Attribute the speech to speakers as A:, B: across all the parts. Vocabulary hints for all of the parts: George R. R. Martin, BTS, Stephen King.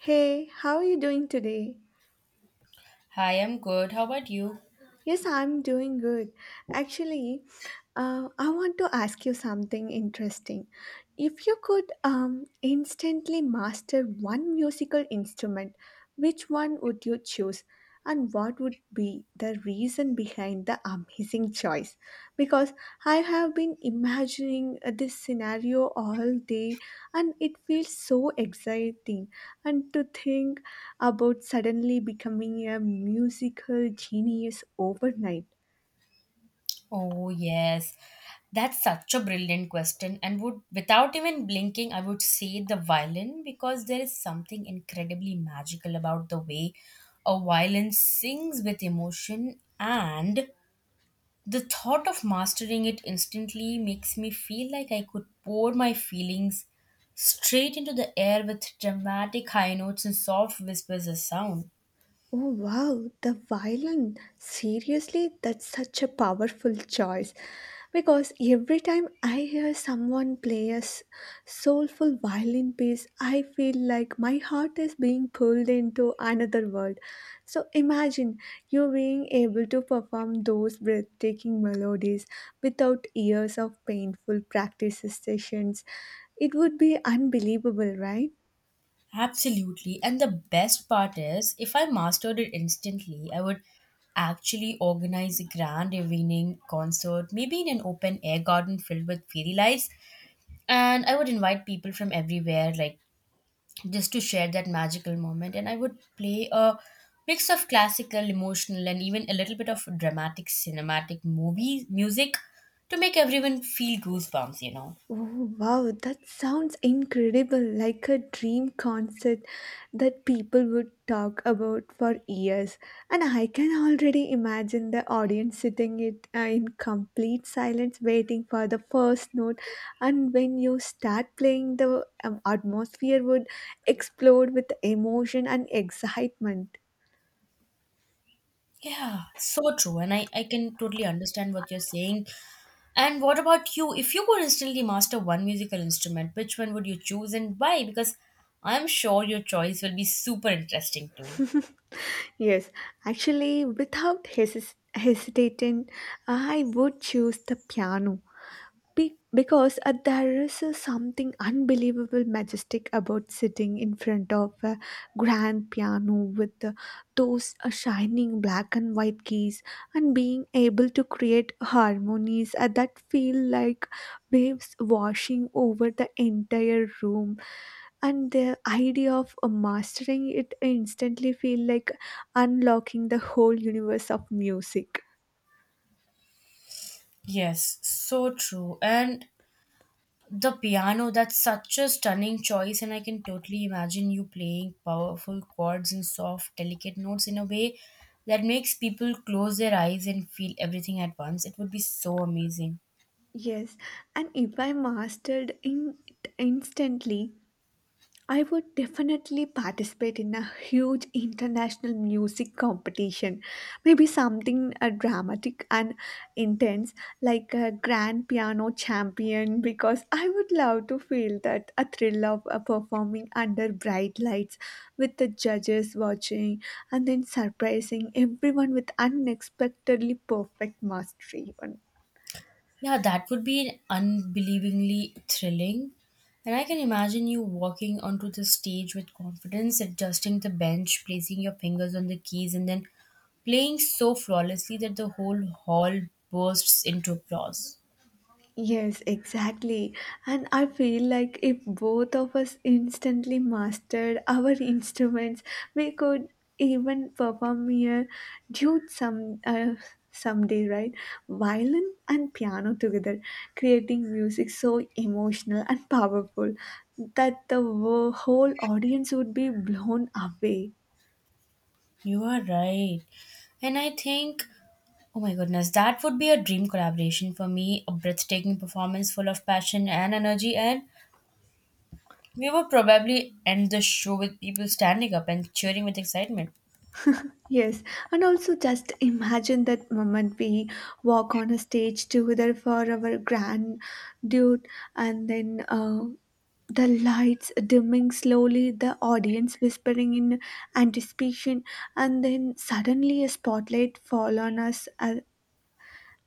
A: Hey, how are you doing today?
B: Hi, I'm good. How about you?
A: Yes, I'm doing good. Actually, I want to ask you something interesting. If you could instantly master one musical instrument, which one would you choose? And what would be the reason behind the amazing choice? Because I have been imagining this scenario all day and it feels so exciting. And to think about suddenly becoming a musical genius overnight.
B: Oh, yes. That's such a brilliant question. And would without even blinking, I would say the violin because there is something incredibly magical about the way a violin sings with emotion and the thought of mastering it instantly makes me feel like I could pour my feelings straight into the air with dramatic high notes and soft whispers of sound.
A: Oh wow, the violin. Seriously, that's such a powerful choice. Because every time I hear someone play soulful violin piece, I feel like my heart is being pulled into another world. So imagine you being able to perform those breathtaking melodies without years of painful practice sessions. It would be unbelievable, right?
B: Absolutely. And the best part is, if I mastered it instantly, I would actually organize a grand evening concert, maybe in an open air garden filled with fairy lights. And I would invite people from everywhere, like just to share that magical moment. And I would play a mix of classical, emotional, and even a little bit of dramatic, cinematic movie music to make everyone feel goosebumps.
A: Oh, wow, that sounds incredible, like a dream concert that people would talk about for years. And I can already imagine the audience sitting it in complete silence, waiting for the first note. And when you start playing, the atmosphere would explode with emotion and excitement.
B: Yeah, so true. And I can totally understand what you're saying. And what about you? If you could instantly master one musical instrument, which one would you choose and why? Because I'm sure your choice will be super interesting too.
A: Yes, actually, without hesis hesitating, I would choose the piano. Because there is something unbelievable majestic about sitting in front of a grand piano with those shining black and white keys, and being able to create harmonies that feel like waves washing over the entire room, and the idea of mastering it instantly feel like unlocking the whole universe of music.
B: Yes, so true. And the piano, that's such a stunning choice, and I can totally imagine you playing powerful chords and soft, delicate notes in a way that makes people close their eyes and feel everything at once. It would be so amazing.
A: Yes, and if I mastered in it instantly, I would definitely participate in a huge international music competition. Maybe something dramatic and intense, like a grand piano champion, because I would love to feel that a thrill of performing under bright lights with the judges watching, and then surprising everyone with unexpectedly perfect mastery.
B: Yeah, that would be unbelievably thrilling. And I can imagine you walking onto the stage with confidence, adjusting the bench, placing your fingers on the keys, and then playing so flawlessly that the whole hall bursts into applause.
A: Yes, exactly. And I feel like if both of us instantly mastered our instruments, we could even perform a duet someday, right? Violin and piano together, creating music so emotional and powerful that the whole audience would be blown away.
B: You are right. And I think, oh my goodness, that would be a dream collaboration for me, a breathtaking performance full of passion and energy. And we would probably end the show with people standing up and cheering with excitement.
A: Yes, and also just imagine that moment we walk on a stage together for our grand dude, and then the lights dimming slowly, the audience whispering in anticipation, and then suddenly a spotlight fall on us,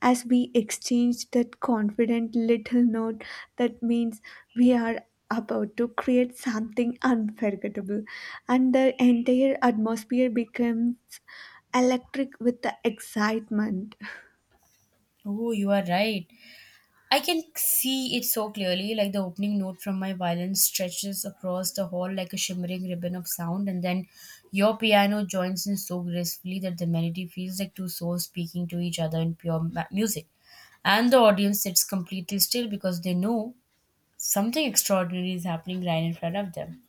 A: as we exchange that confident little note that means we are about to create something unforgettable, and the entire atmosphere becomes electric with the excitement.
B: Oh, you are right. I can see it so clearly, like the opening note from my violin stretches across the hall like a shimmering ribbon of sound, and then your piano joins in so gracefully that the melody feels like two souls speaking to each other in pure music. And the audience sits completely still because they know something extraordinary is happening right in front of them.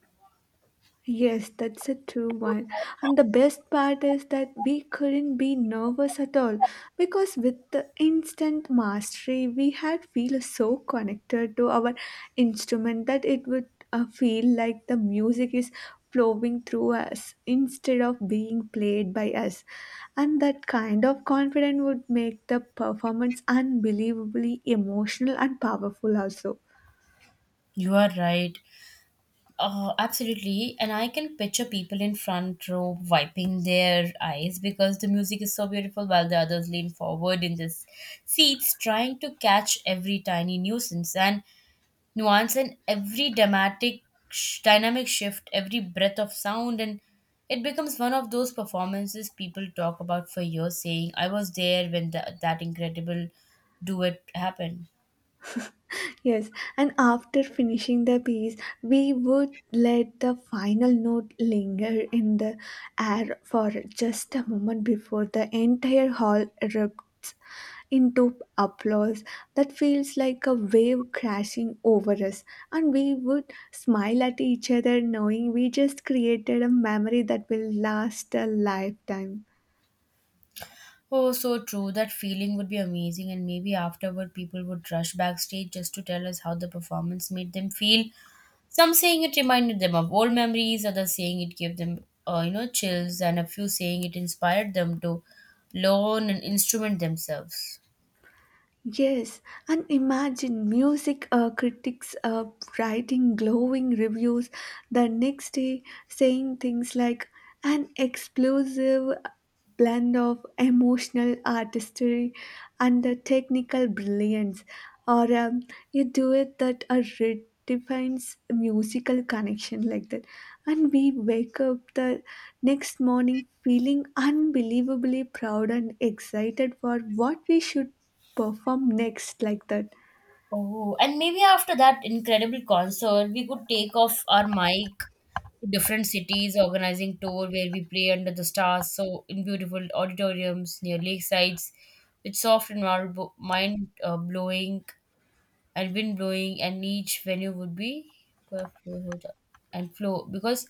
A: Yes, that's a true one. And the best part is that we couldn't be nervous at all because with the instant mastery, we had feel so connected to our instrument that it would feel like the music is flowing through us instead of being played by us. And that kind of confidence would make the performance unbelievably emotional and powerful also.
B: You are right. Absolutely. And I can picture people in front row wiping their eyes because the music is so beautiful while the others lean forward in their seats trying to catch every tiny nuisance and nuance and every dramatic dynamic shift, every breath of sound and it becomes one of those performances people talk about for years saying I was there when that incredible duet happened.
A: Yes, and after finishing the piece, we would let the final note linger in the air for just a moment before the entire hall erupts into applause that feels like a wave crashing over us. And we would smile at each other, knowing we just created a memory that will last a lifetime.
B: Oh, so true. That feeling would be amazing, and maybe afterward, people would rush backstage just to tell us how the performance made them feel. Some saying it reminded them of old memories, others saying it gave them, chills, and a few saying it inspired them to learn an instrument themselves.
A: Yes, and imagine music critics writing glowing reviews the next day, saying things like an explosive blend of emotional artistry and the technical brilliance, or a duet that redefines musical connection like that. And we wake up the next morning feeling unbelievably proud and excited for what we should perform next like that.
B: Oh, and maybe after that incredible concert, we could take off our mic to different cities, organizing tour where we play under the stars, so in beautiful auditoriums near lakesides, with soft and marble, mind blowing and wind blowing, and each venue would be perfect and flow because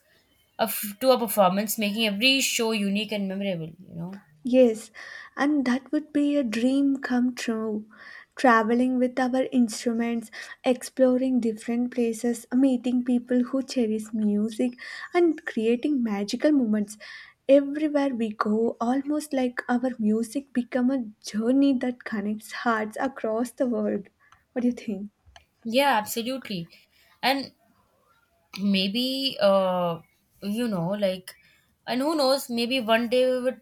B: of to a performance, making every show unique and memorable. You know.
A: Yes, and that would be a dream come true. Traveling with our instruments, exploring different places, meeting people who cherish music, and creating magical moments. Everywhere we go, almost like our music become a journey that connects hearts across the world. What do you think?
B: Yeah, absolutely. And maybe you know like and who knows, maybe one day we would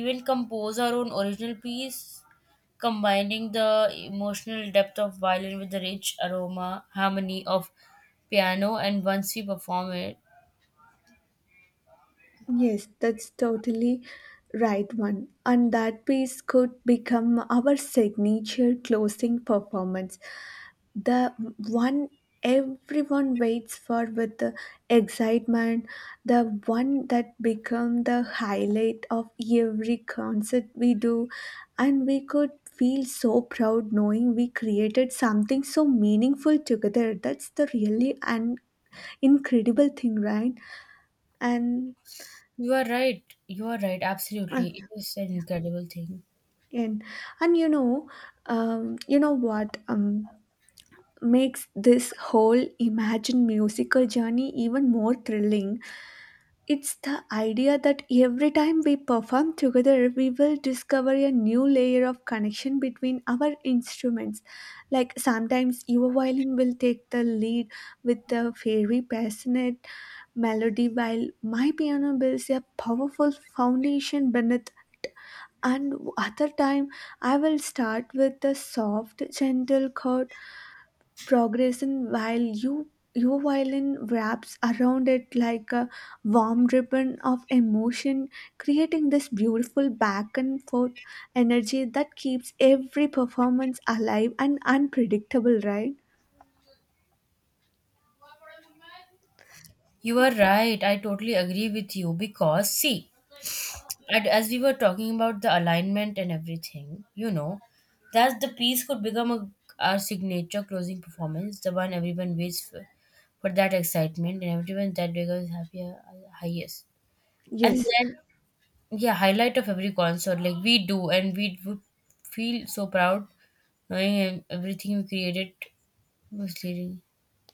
B: even compose our own original piece combining the emotional depth of violin with the rich aroma harmony of piano and once we perform it,
A: Yes, that's totally right one. And that piece could become our signature closing performance. The one everyone waits for with the excitement, the one that become the highlight of every concert we do, and we could feel so proud knowing we created something so meaningful together. That's the really and incredible thing, right? And
B: you are right, you are right,
A: uh,
B: absolutely, it is an incredible thing.
A: And and you know, what makes this whole Imagine musical journey even more thrilling? It's the idea that every time we perform together, we will discover a new layer of connection between our instruments. Like sometimes your violin will take the lead with a very passionate melody, while my piano builds a powerful foundation beneath, and other time I will start with the soft gentle chord progression while your violin wraps around it like a warm ribbon of emotion, creating this beautiful back and forth energy that keeps every performance alive and unpredictable, right?
B: You are right, I totally agree with you because see, and as we were talking about the alignment and everything, you know, that the piece could become our signature closing performance, the one everyone waits for that excitement and everyone that becomes happier highest. And
A: yes
B: then, yeah, highlight of every concert, like we do, and we would feel so proud knowing everything we created was leading.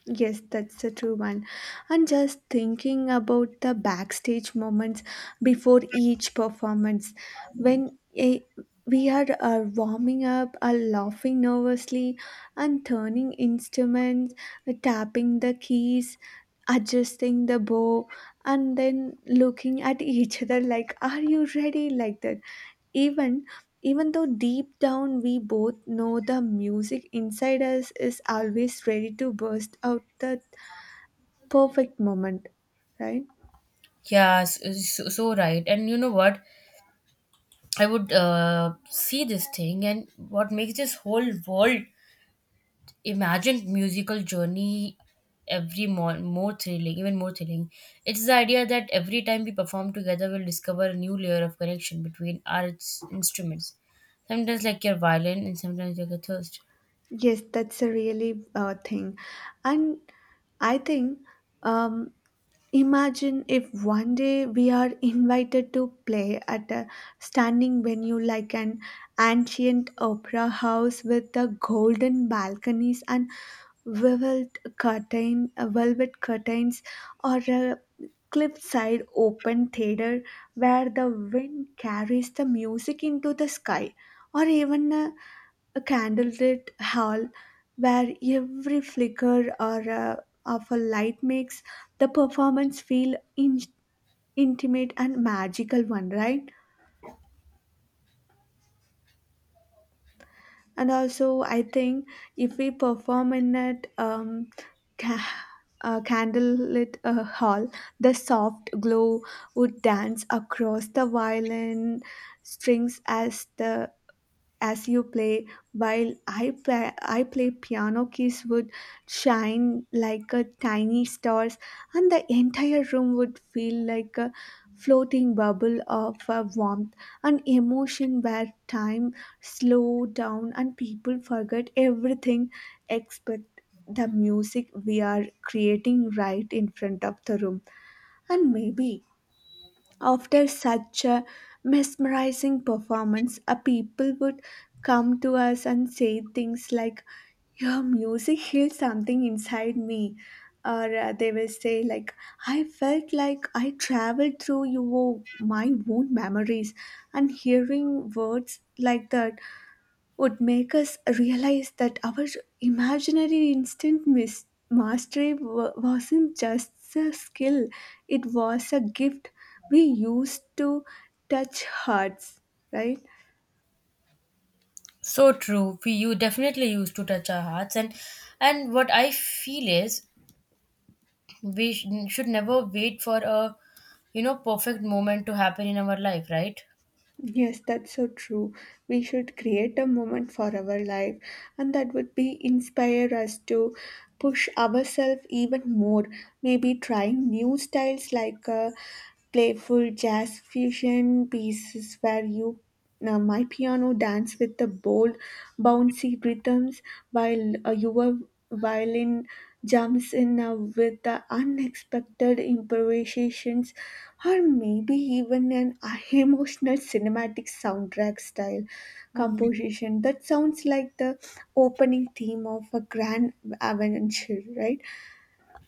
A: Yes, that's a true one. And just thinking about the backstage moments before each performance, when we are warming up, are laughing nervously, and turning instruments, tapping the keys, adjusting the bow, and then looking at each other like, "Are you ready?" Like that. Even Even though deep down we both know the music inside us is always ready to burst out the perfect moment, right?
B: Yeah, so right. And you know what? I would see this thing, and what makes this whole world imagine musical journey every more, more thrilling, even more thrilling. It's the idea that every time we perform together, we'll discover a new layer of connection between our instruments. Sometimes like your violin, and sometimes like a thirst.
A: Yes, that's a really thing. And I think, um, imagine if one day we are invited to play at a standing venue like an ancient opera house with the golden balconies and velvet velvet curtains, or a cliffside open theater where the wind carries the music into the sky, or even a candlelit hall where every flicker or of a light makes the performance feel intimate and magical one, right? And also I think if we perform in that ca- candlelit hall, the soft glow would dance across the violin strings as the, as you play, while I play piano keys would shine like a tiny stars, and the entire room would feel like a floating bubble of warmth and emotion, where time slowed down and people forgot everything except the music we are creating right in front of the room. And maybe after such a mesmerizing performance, a people would come to us and say things like, "Your music healed something inside me." Or they will say, like, "I felt like I traveled through your, my own memories." And hearing words like that would make us realize that our imaginary instant mastery wasn't just a skill, it was a gift we used to touch hearts, right?
B: So true. We you definitely used to touch our hearts, and what I feel is we should never wait for a you know perfect moment to happen in our life, right?
A: Yes, that's so true. We should create a moment for our life, and that would be inspire us to push ourselves even more. Maybe trying new styles like playful jazz fusion pieces where you my piano dance with the bold bouncy rhythms, while your violin jumps in with the unexpected improvisations, or maybe even an emotional cinematic soundtrack style
B: Mhm.
A: composition that sounds like the opening theme of a grand adventure, right?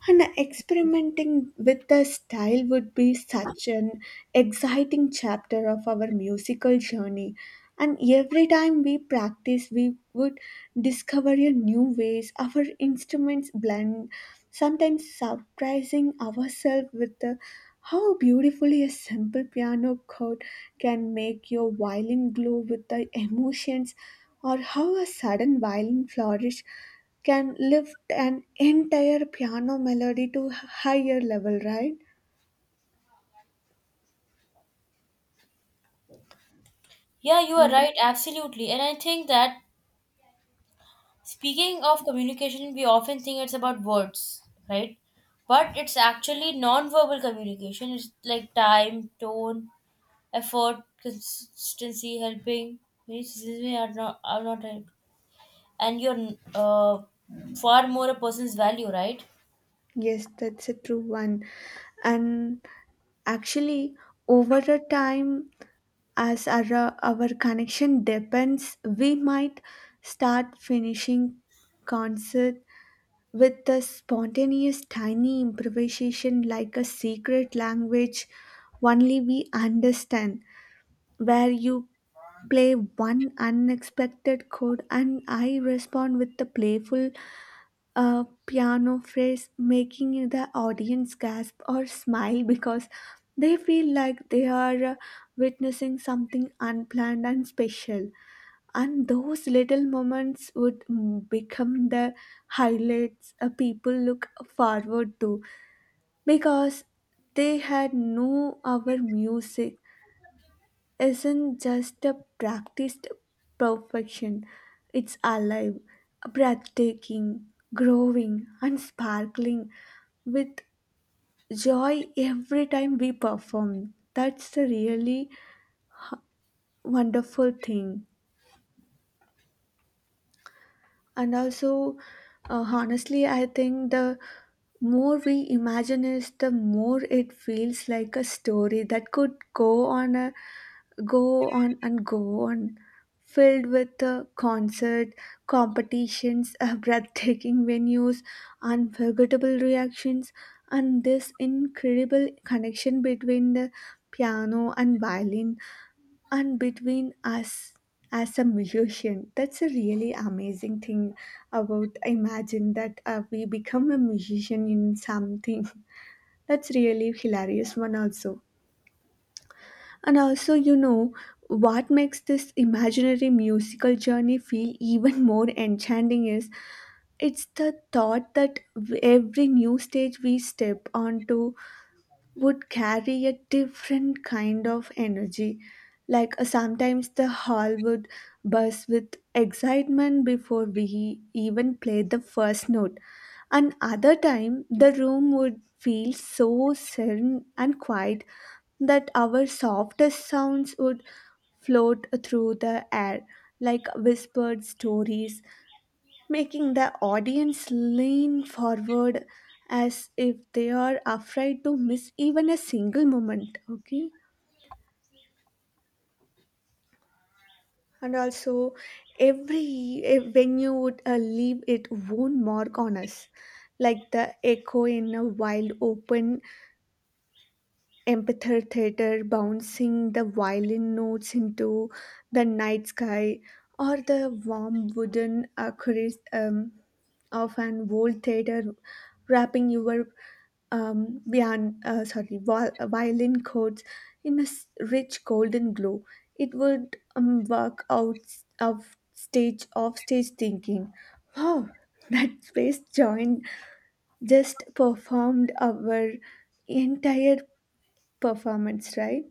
A: And experimenting with the style would be such an exciting chapter of our musical journey, and every time we practice we would discover a new ways our instruments blend, sometimes surprising ourselves with the, how beautifully a simple piano chord can make your violin glow with the emotions, or how a sudden violin flourish can lift an entire piano melody to higher level, right?
B: Yeah, you are
A: Mm.
B: right, absolutely. And I think that, speaking of communication, we often think it's about words, right? But it's actually non-verbal communication. It's like time, tone, effort, consistency, helping. Many seasons we are not help. And you're uh, far more a person's value, right?
A: Yes, that's a true one. And actually, over a time, as our connection depends, we might start finishing concert with a spontaneous tiny improvisation like a secret language only we understand, where you play one unexpected chord and I respond with a playful a piano phrase, making the audience gasp or smile because they feel like they are witnessing something unplanned and special. And those little moments would become the highlights people look forward to, because they had no other music isn't just a practiced perfection, it's alive, breathtaking, growing, and sparkling with joy every time we perform. That's the really wonderful thing. And also, honestly, I think the more we imagine it, the more it feels like a story that could go on a go on and go on, filled with concert competitions, breathtaking venues, unforgettable reactions, and this incredible connection between the piano and violin and between us as a musician. That's a really amazing thing about imagine that we become a musician in something. That's really hilarious one also. And also, you know, what makes this imaginary musical journey feel even more enchanting is it's the thought that every new stage we step onto would carry a different kind of energy. Like sometimes the hall would buzz with excitement before we even played the first note, and other time the room would feel so serene and quiet that our softest sounds would float through the air like whispered stories, making the audience lean forward as if they are afraid to miss even a single moment. Okay, and also every venue would leave its own mark on us, like the echo in a wild open amphitheater theater bouncing the violin notes into the night sky, or the warm wooden accuracy of an old theater wrapping your violin chords in a rich golden glow. It would work out of stage off stage thinking. Wow, that space joined just performed our entire performance, right?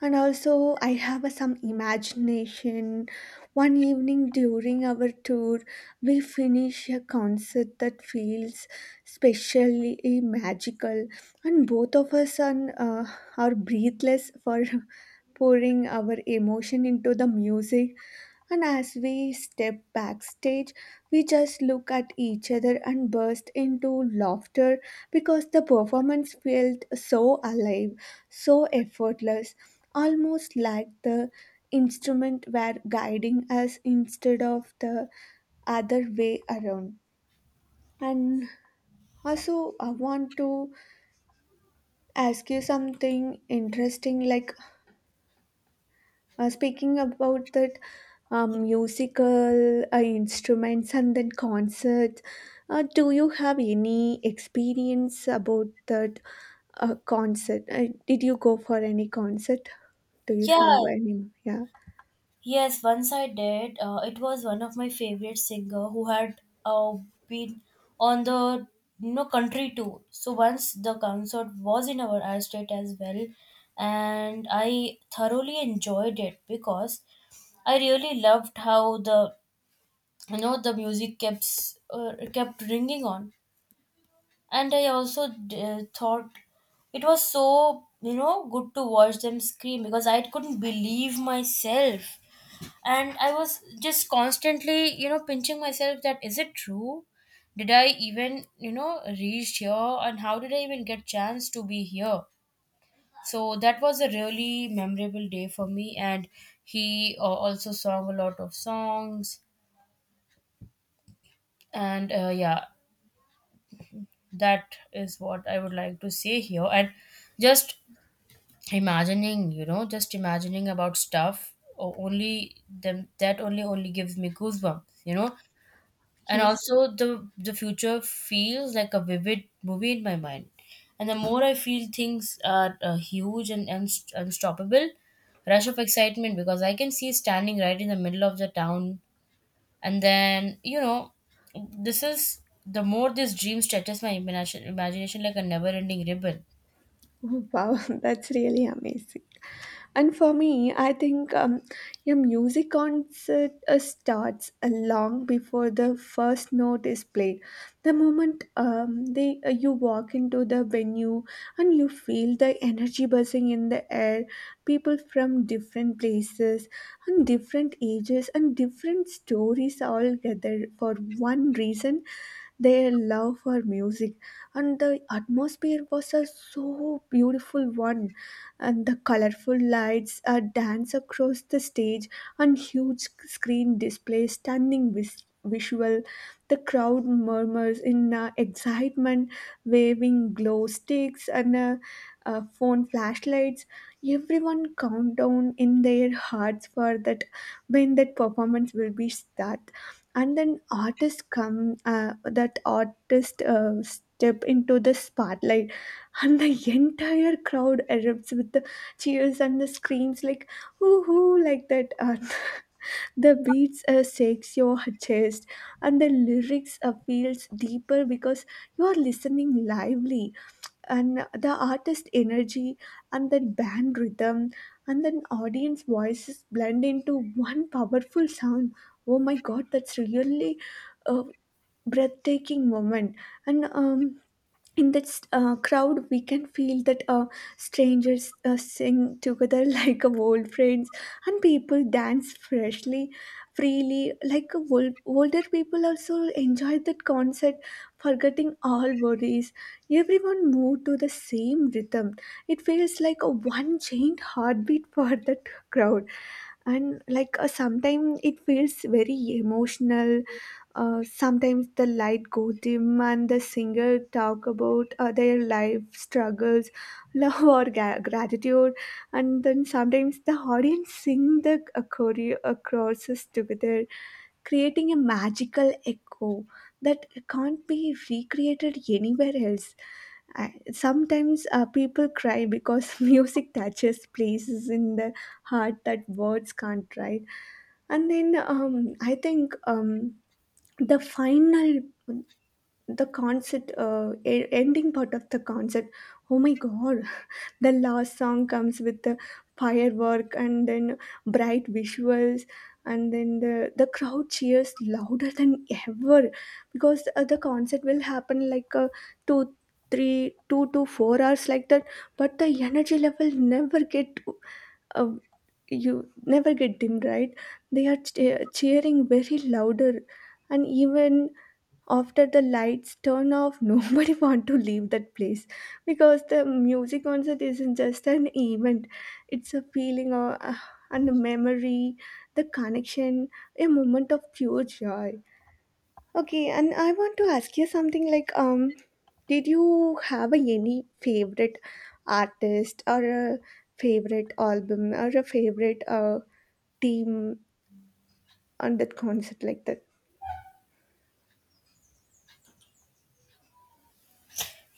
A: And also I have a, some imagination. One evening during our tour we finish a concert that feels specially magical, and both of us are breathless for pouring our emotion into the music. And as we step backstage, we just look at each other and burst into laughter because the performance felt so alive, so effortless, almost like the instrument were guiding us instead of the other way around. And also, I want to ask you something interesting like, speaking about that musical instruments and then concerts. Do you have any experience about that concert? Did you go for any concert? Do you have
B: Yeah.
A: any? Yeah.
B: Yes, once I did. It was one of my favorite singer who had been on the you know country tour. So once the concert was in our I state as well, and I thoroughly enjoyed it because I really loved how the you know the music kept ringing on, and I also thought it was so you know good to watch them scream because I couldn't believe myself and I was just constantly you know pinching myself that is it true, did I even you know reach here and how did I even get chance to be here. So that was a really memorable day for me and he also sang a lot of songs and yeah, that is what I would like to say here. And just imagining you know just imagining about stuff only them that only gives me goosebumps you know. And
A: Yes.
B: also the future feels like a vivid movie in my mind and the more I feel things are huge and unstoppable rush of excitement because I can see standing right in the middle of the town and then you know this is the more this dream stretches my imagination like a never ending ribbon.
A: Oh, wow, that's really amazing. And for me, I think a music concert starts long before the first note is played. The moment they you walk into the venue and you feel the energy buzzing in the air, people from different places and different ages and different stories all gather for one reason, their love for music. And the atmosphere was a so beautiful one, and the colorful lights a dance across the stage, and huge screen display stunning visual. The crowd murmurs in excitement, waving glow sticks and phone flashlights. Everyone countdown in their hearts for that when that performance will be start, and then artists come that artist step into the spotlight and the entire crowd erupts with the cheers and the screams like woohoo, like that, the beats shakes your chest and the lyrics feels deeper because you are listening lively, and the artist energy and then band rhythm and then audience voices blend into one powerful sound. Oh my god, that's really a breathtaking moment. And um, in that crowd we can feel that strangers sing together like old friends, and people dance freshly freely, like a old, older people also enjoy that concert, forgetting all worries. Everyone moved to the same rhythm. It feels like a one chained heartbeat for that crowd. And like sometimes it feels very emotional. Sometimes the light go dim and the singer talk about their life struggles, love or gratitude, and then sometimes the audience sing the choruses together, creating a magical echo that can't be recreated anywhere else. I, sometimes people cry because music touches places in the heart that words can't, right? And then I think. The final, the concert ending part of the concert, oh my god, the last song comes with the firework and then bright visuals, and then the crowd cheers louder than ever because the concert will happen like two two to four hours like that, but the energy level never get uh, you never get dim, right? They are cheering very louder, and even after the lights turn off nobody want to leave that place because the music concert isn't just an event, it's a feeling or and a memory, the connection, a moment of pure joy. Okay, and I want to ask you something like, did you have a, any favorite artist or a favorite album or a favorite team on that concert like that?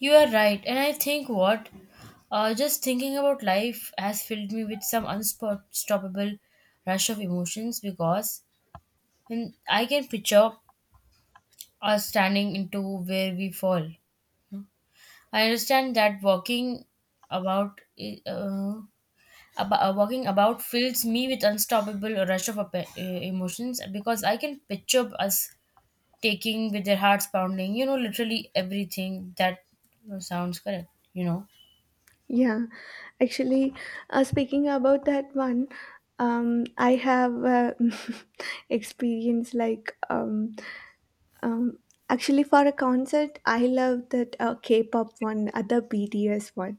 B: You are right and I think what, just thinking about life has filled me with some unstoppable rush of emotions because, and I can picture us standing into where we fall. I understand that walking about uh, walking about fills me with unstoppable rush of emotions because I can picture us taking with their hearts pounding. You know, literally everything that sounds correct. You know.
A: Yeah. Actually, speaking about that one, I have experience like um, actually for a concert, I love that K-pop one, other BTS one.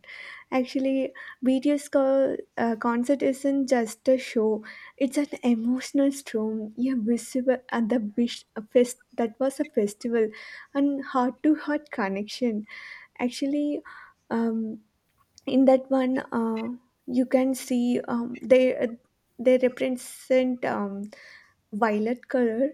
A: Actually, BTS concert isn't just a show; it's an emotional storm. Yeah, visible and the wish a fest, that was a festival, and heart-to-heart connection. Actually. Um, in that one you can see they represent violet color.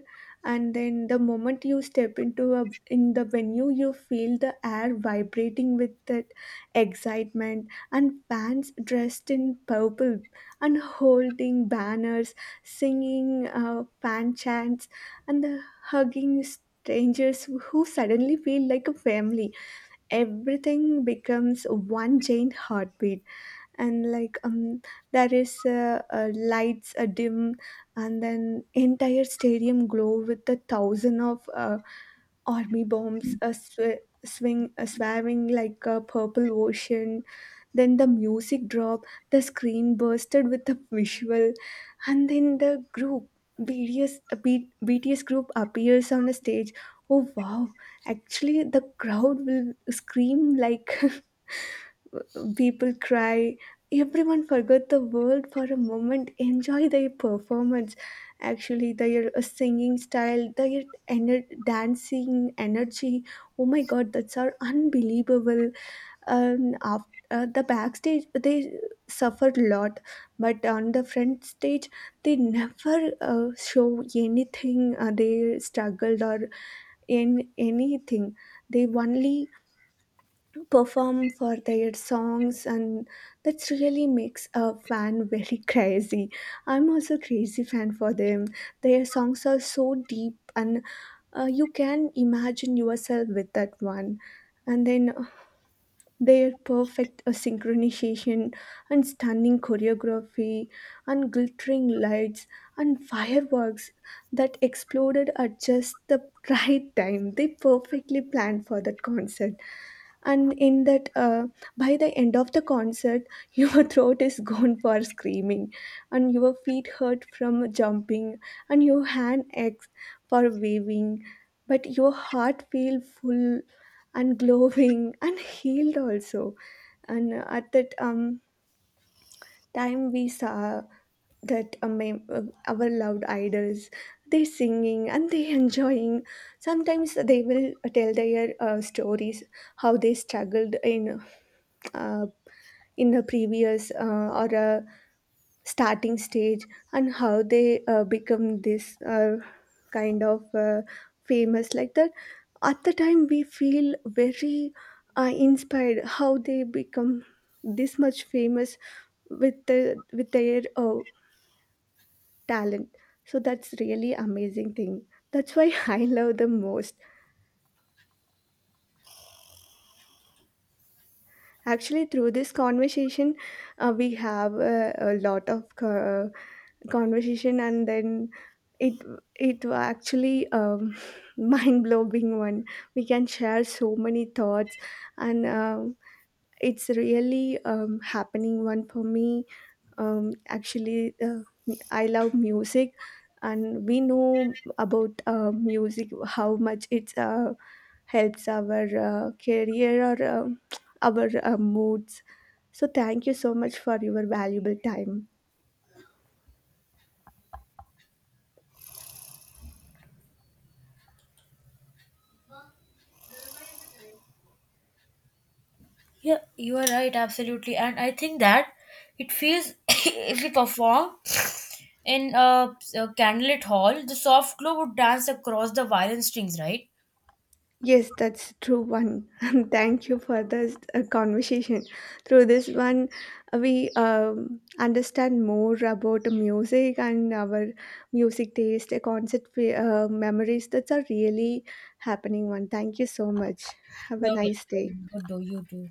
A: And then the moment you step into a in the venue you feel the air vibrating with that excitement, and fans dressed in purple and holding banners, singing fan chants and the hugging strangers who suddenly feel like a family. Everything becomes one giant heartbeat. And like there is lights dim, and then entire stadium glow with the thousand of army bombs sw- swing swarming like a purple ocean. Then the music drop, the screen bursted with the visual, and then the group BTS group appears on a stage. Oh wow, actually the crowd will scream like people cry, everyone forgot the world for a moment, enjoy their performance. Actually their singing style, their dancing energy, oh my god, that's are unbelievable. And after the backstage they suffered a lot, but on the front stage they never show anything they struggled or in anything. They only perform for their songs, and that really makes a fan very crazy. I'm also crazy fan for them. Their songs are so deep and you can imagine yourself with that one. And then their perfect synchronization and stunning choreography and glittering lights and fireworks that exploded at just the right time. They perfectly planned for that concert. And in that, by the end of the concert, your throat is gone for screaming, and your feet hurt from jumping, and your hand aches for waving, but your heart feels full and glowing and healed also. And at that time we saw that uh, our loved idols, they singing and they enjoying. Sometimes they will tell their stories, how they struggled uh, in the previous or starting stage, and how they become this kind of famous like that. At the time we feel very inspired how they become this much famous with the with their talent. So that's really amazing thing, that's why I love them most. Actually, through this conversation, we have a lot of conversation, and then it it actually mind blowing one. We can share so many thoughts, and it's really happening one for me. Actually I love music, and we know about music how much it helps our career or our moods. So thank you so much for your valuable time.
B: Yeah, you are right, absolutely. And I think that it feels if we perform in a candlelit hall, the soft glow would dance across the violin strings, right?
A: Yes, that's true one. Thank you for this conversation. Through this one, we understand more about music and our music taste, concert memories. That's a really happening one. Thank you so much. Have a
B: You're
A: nice day.
B: welcome. Good, do you too.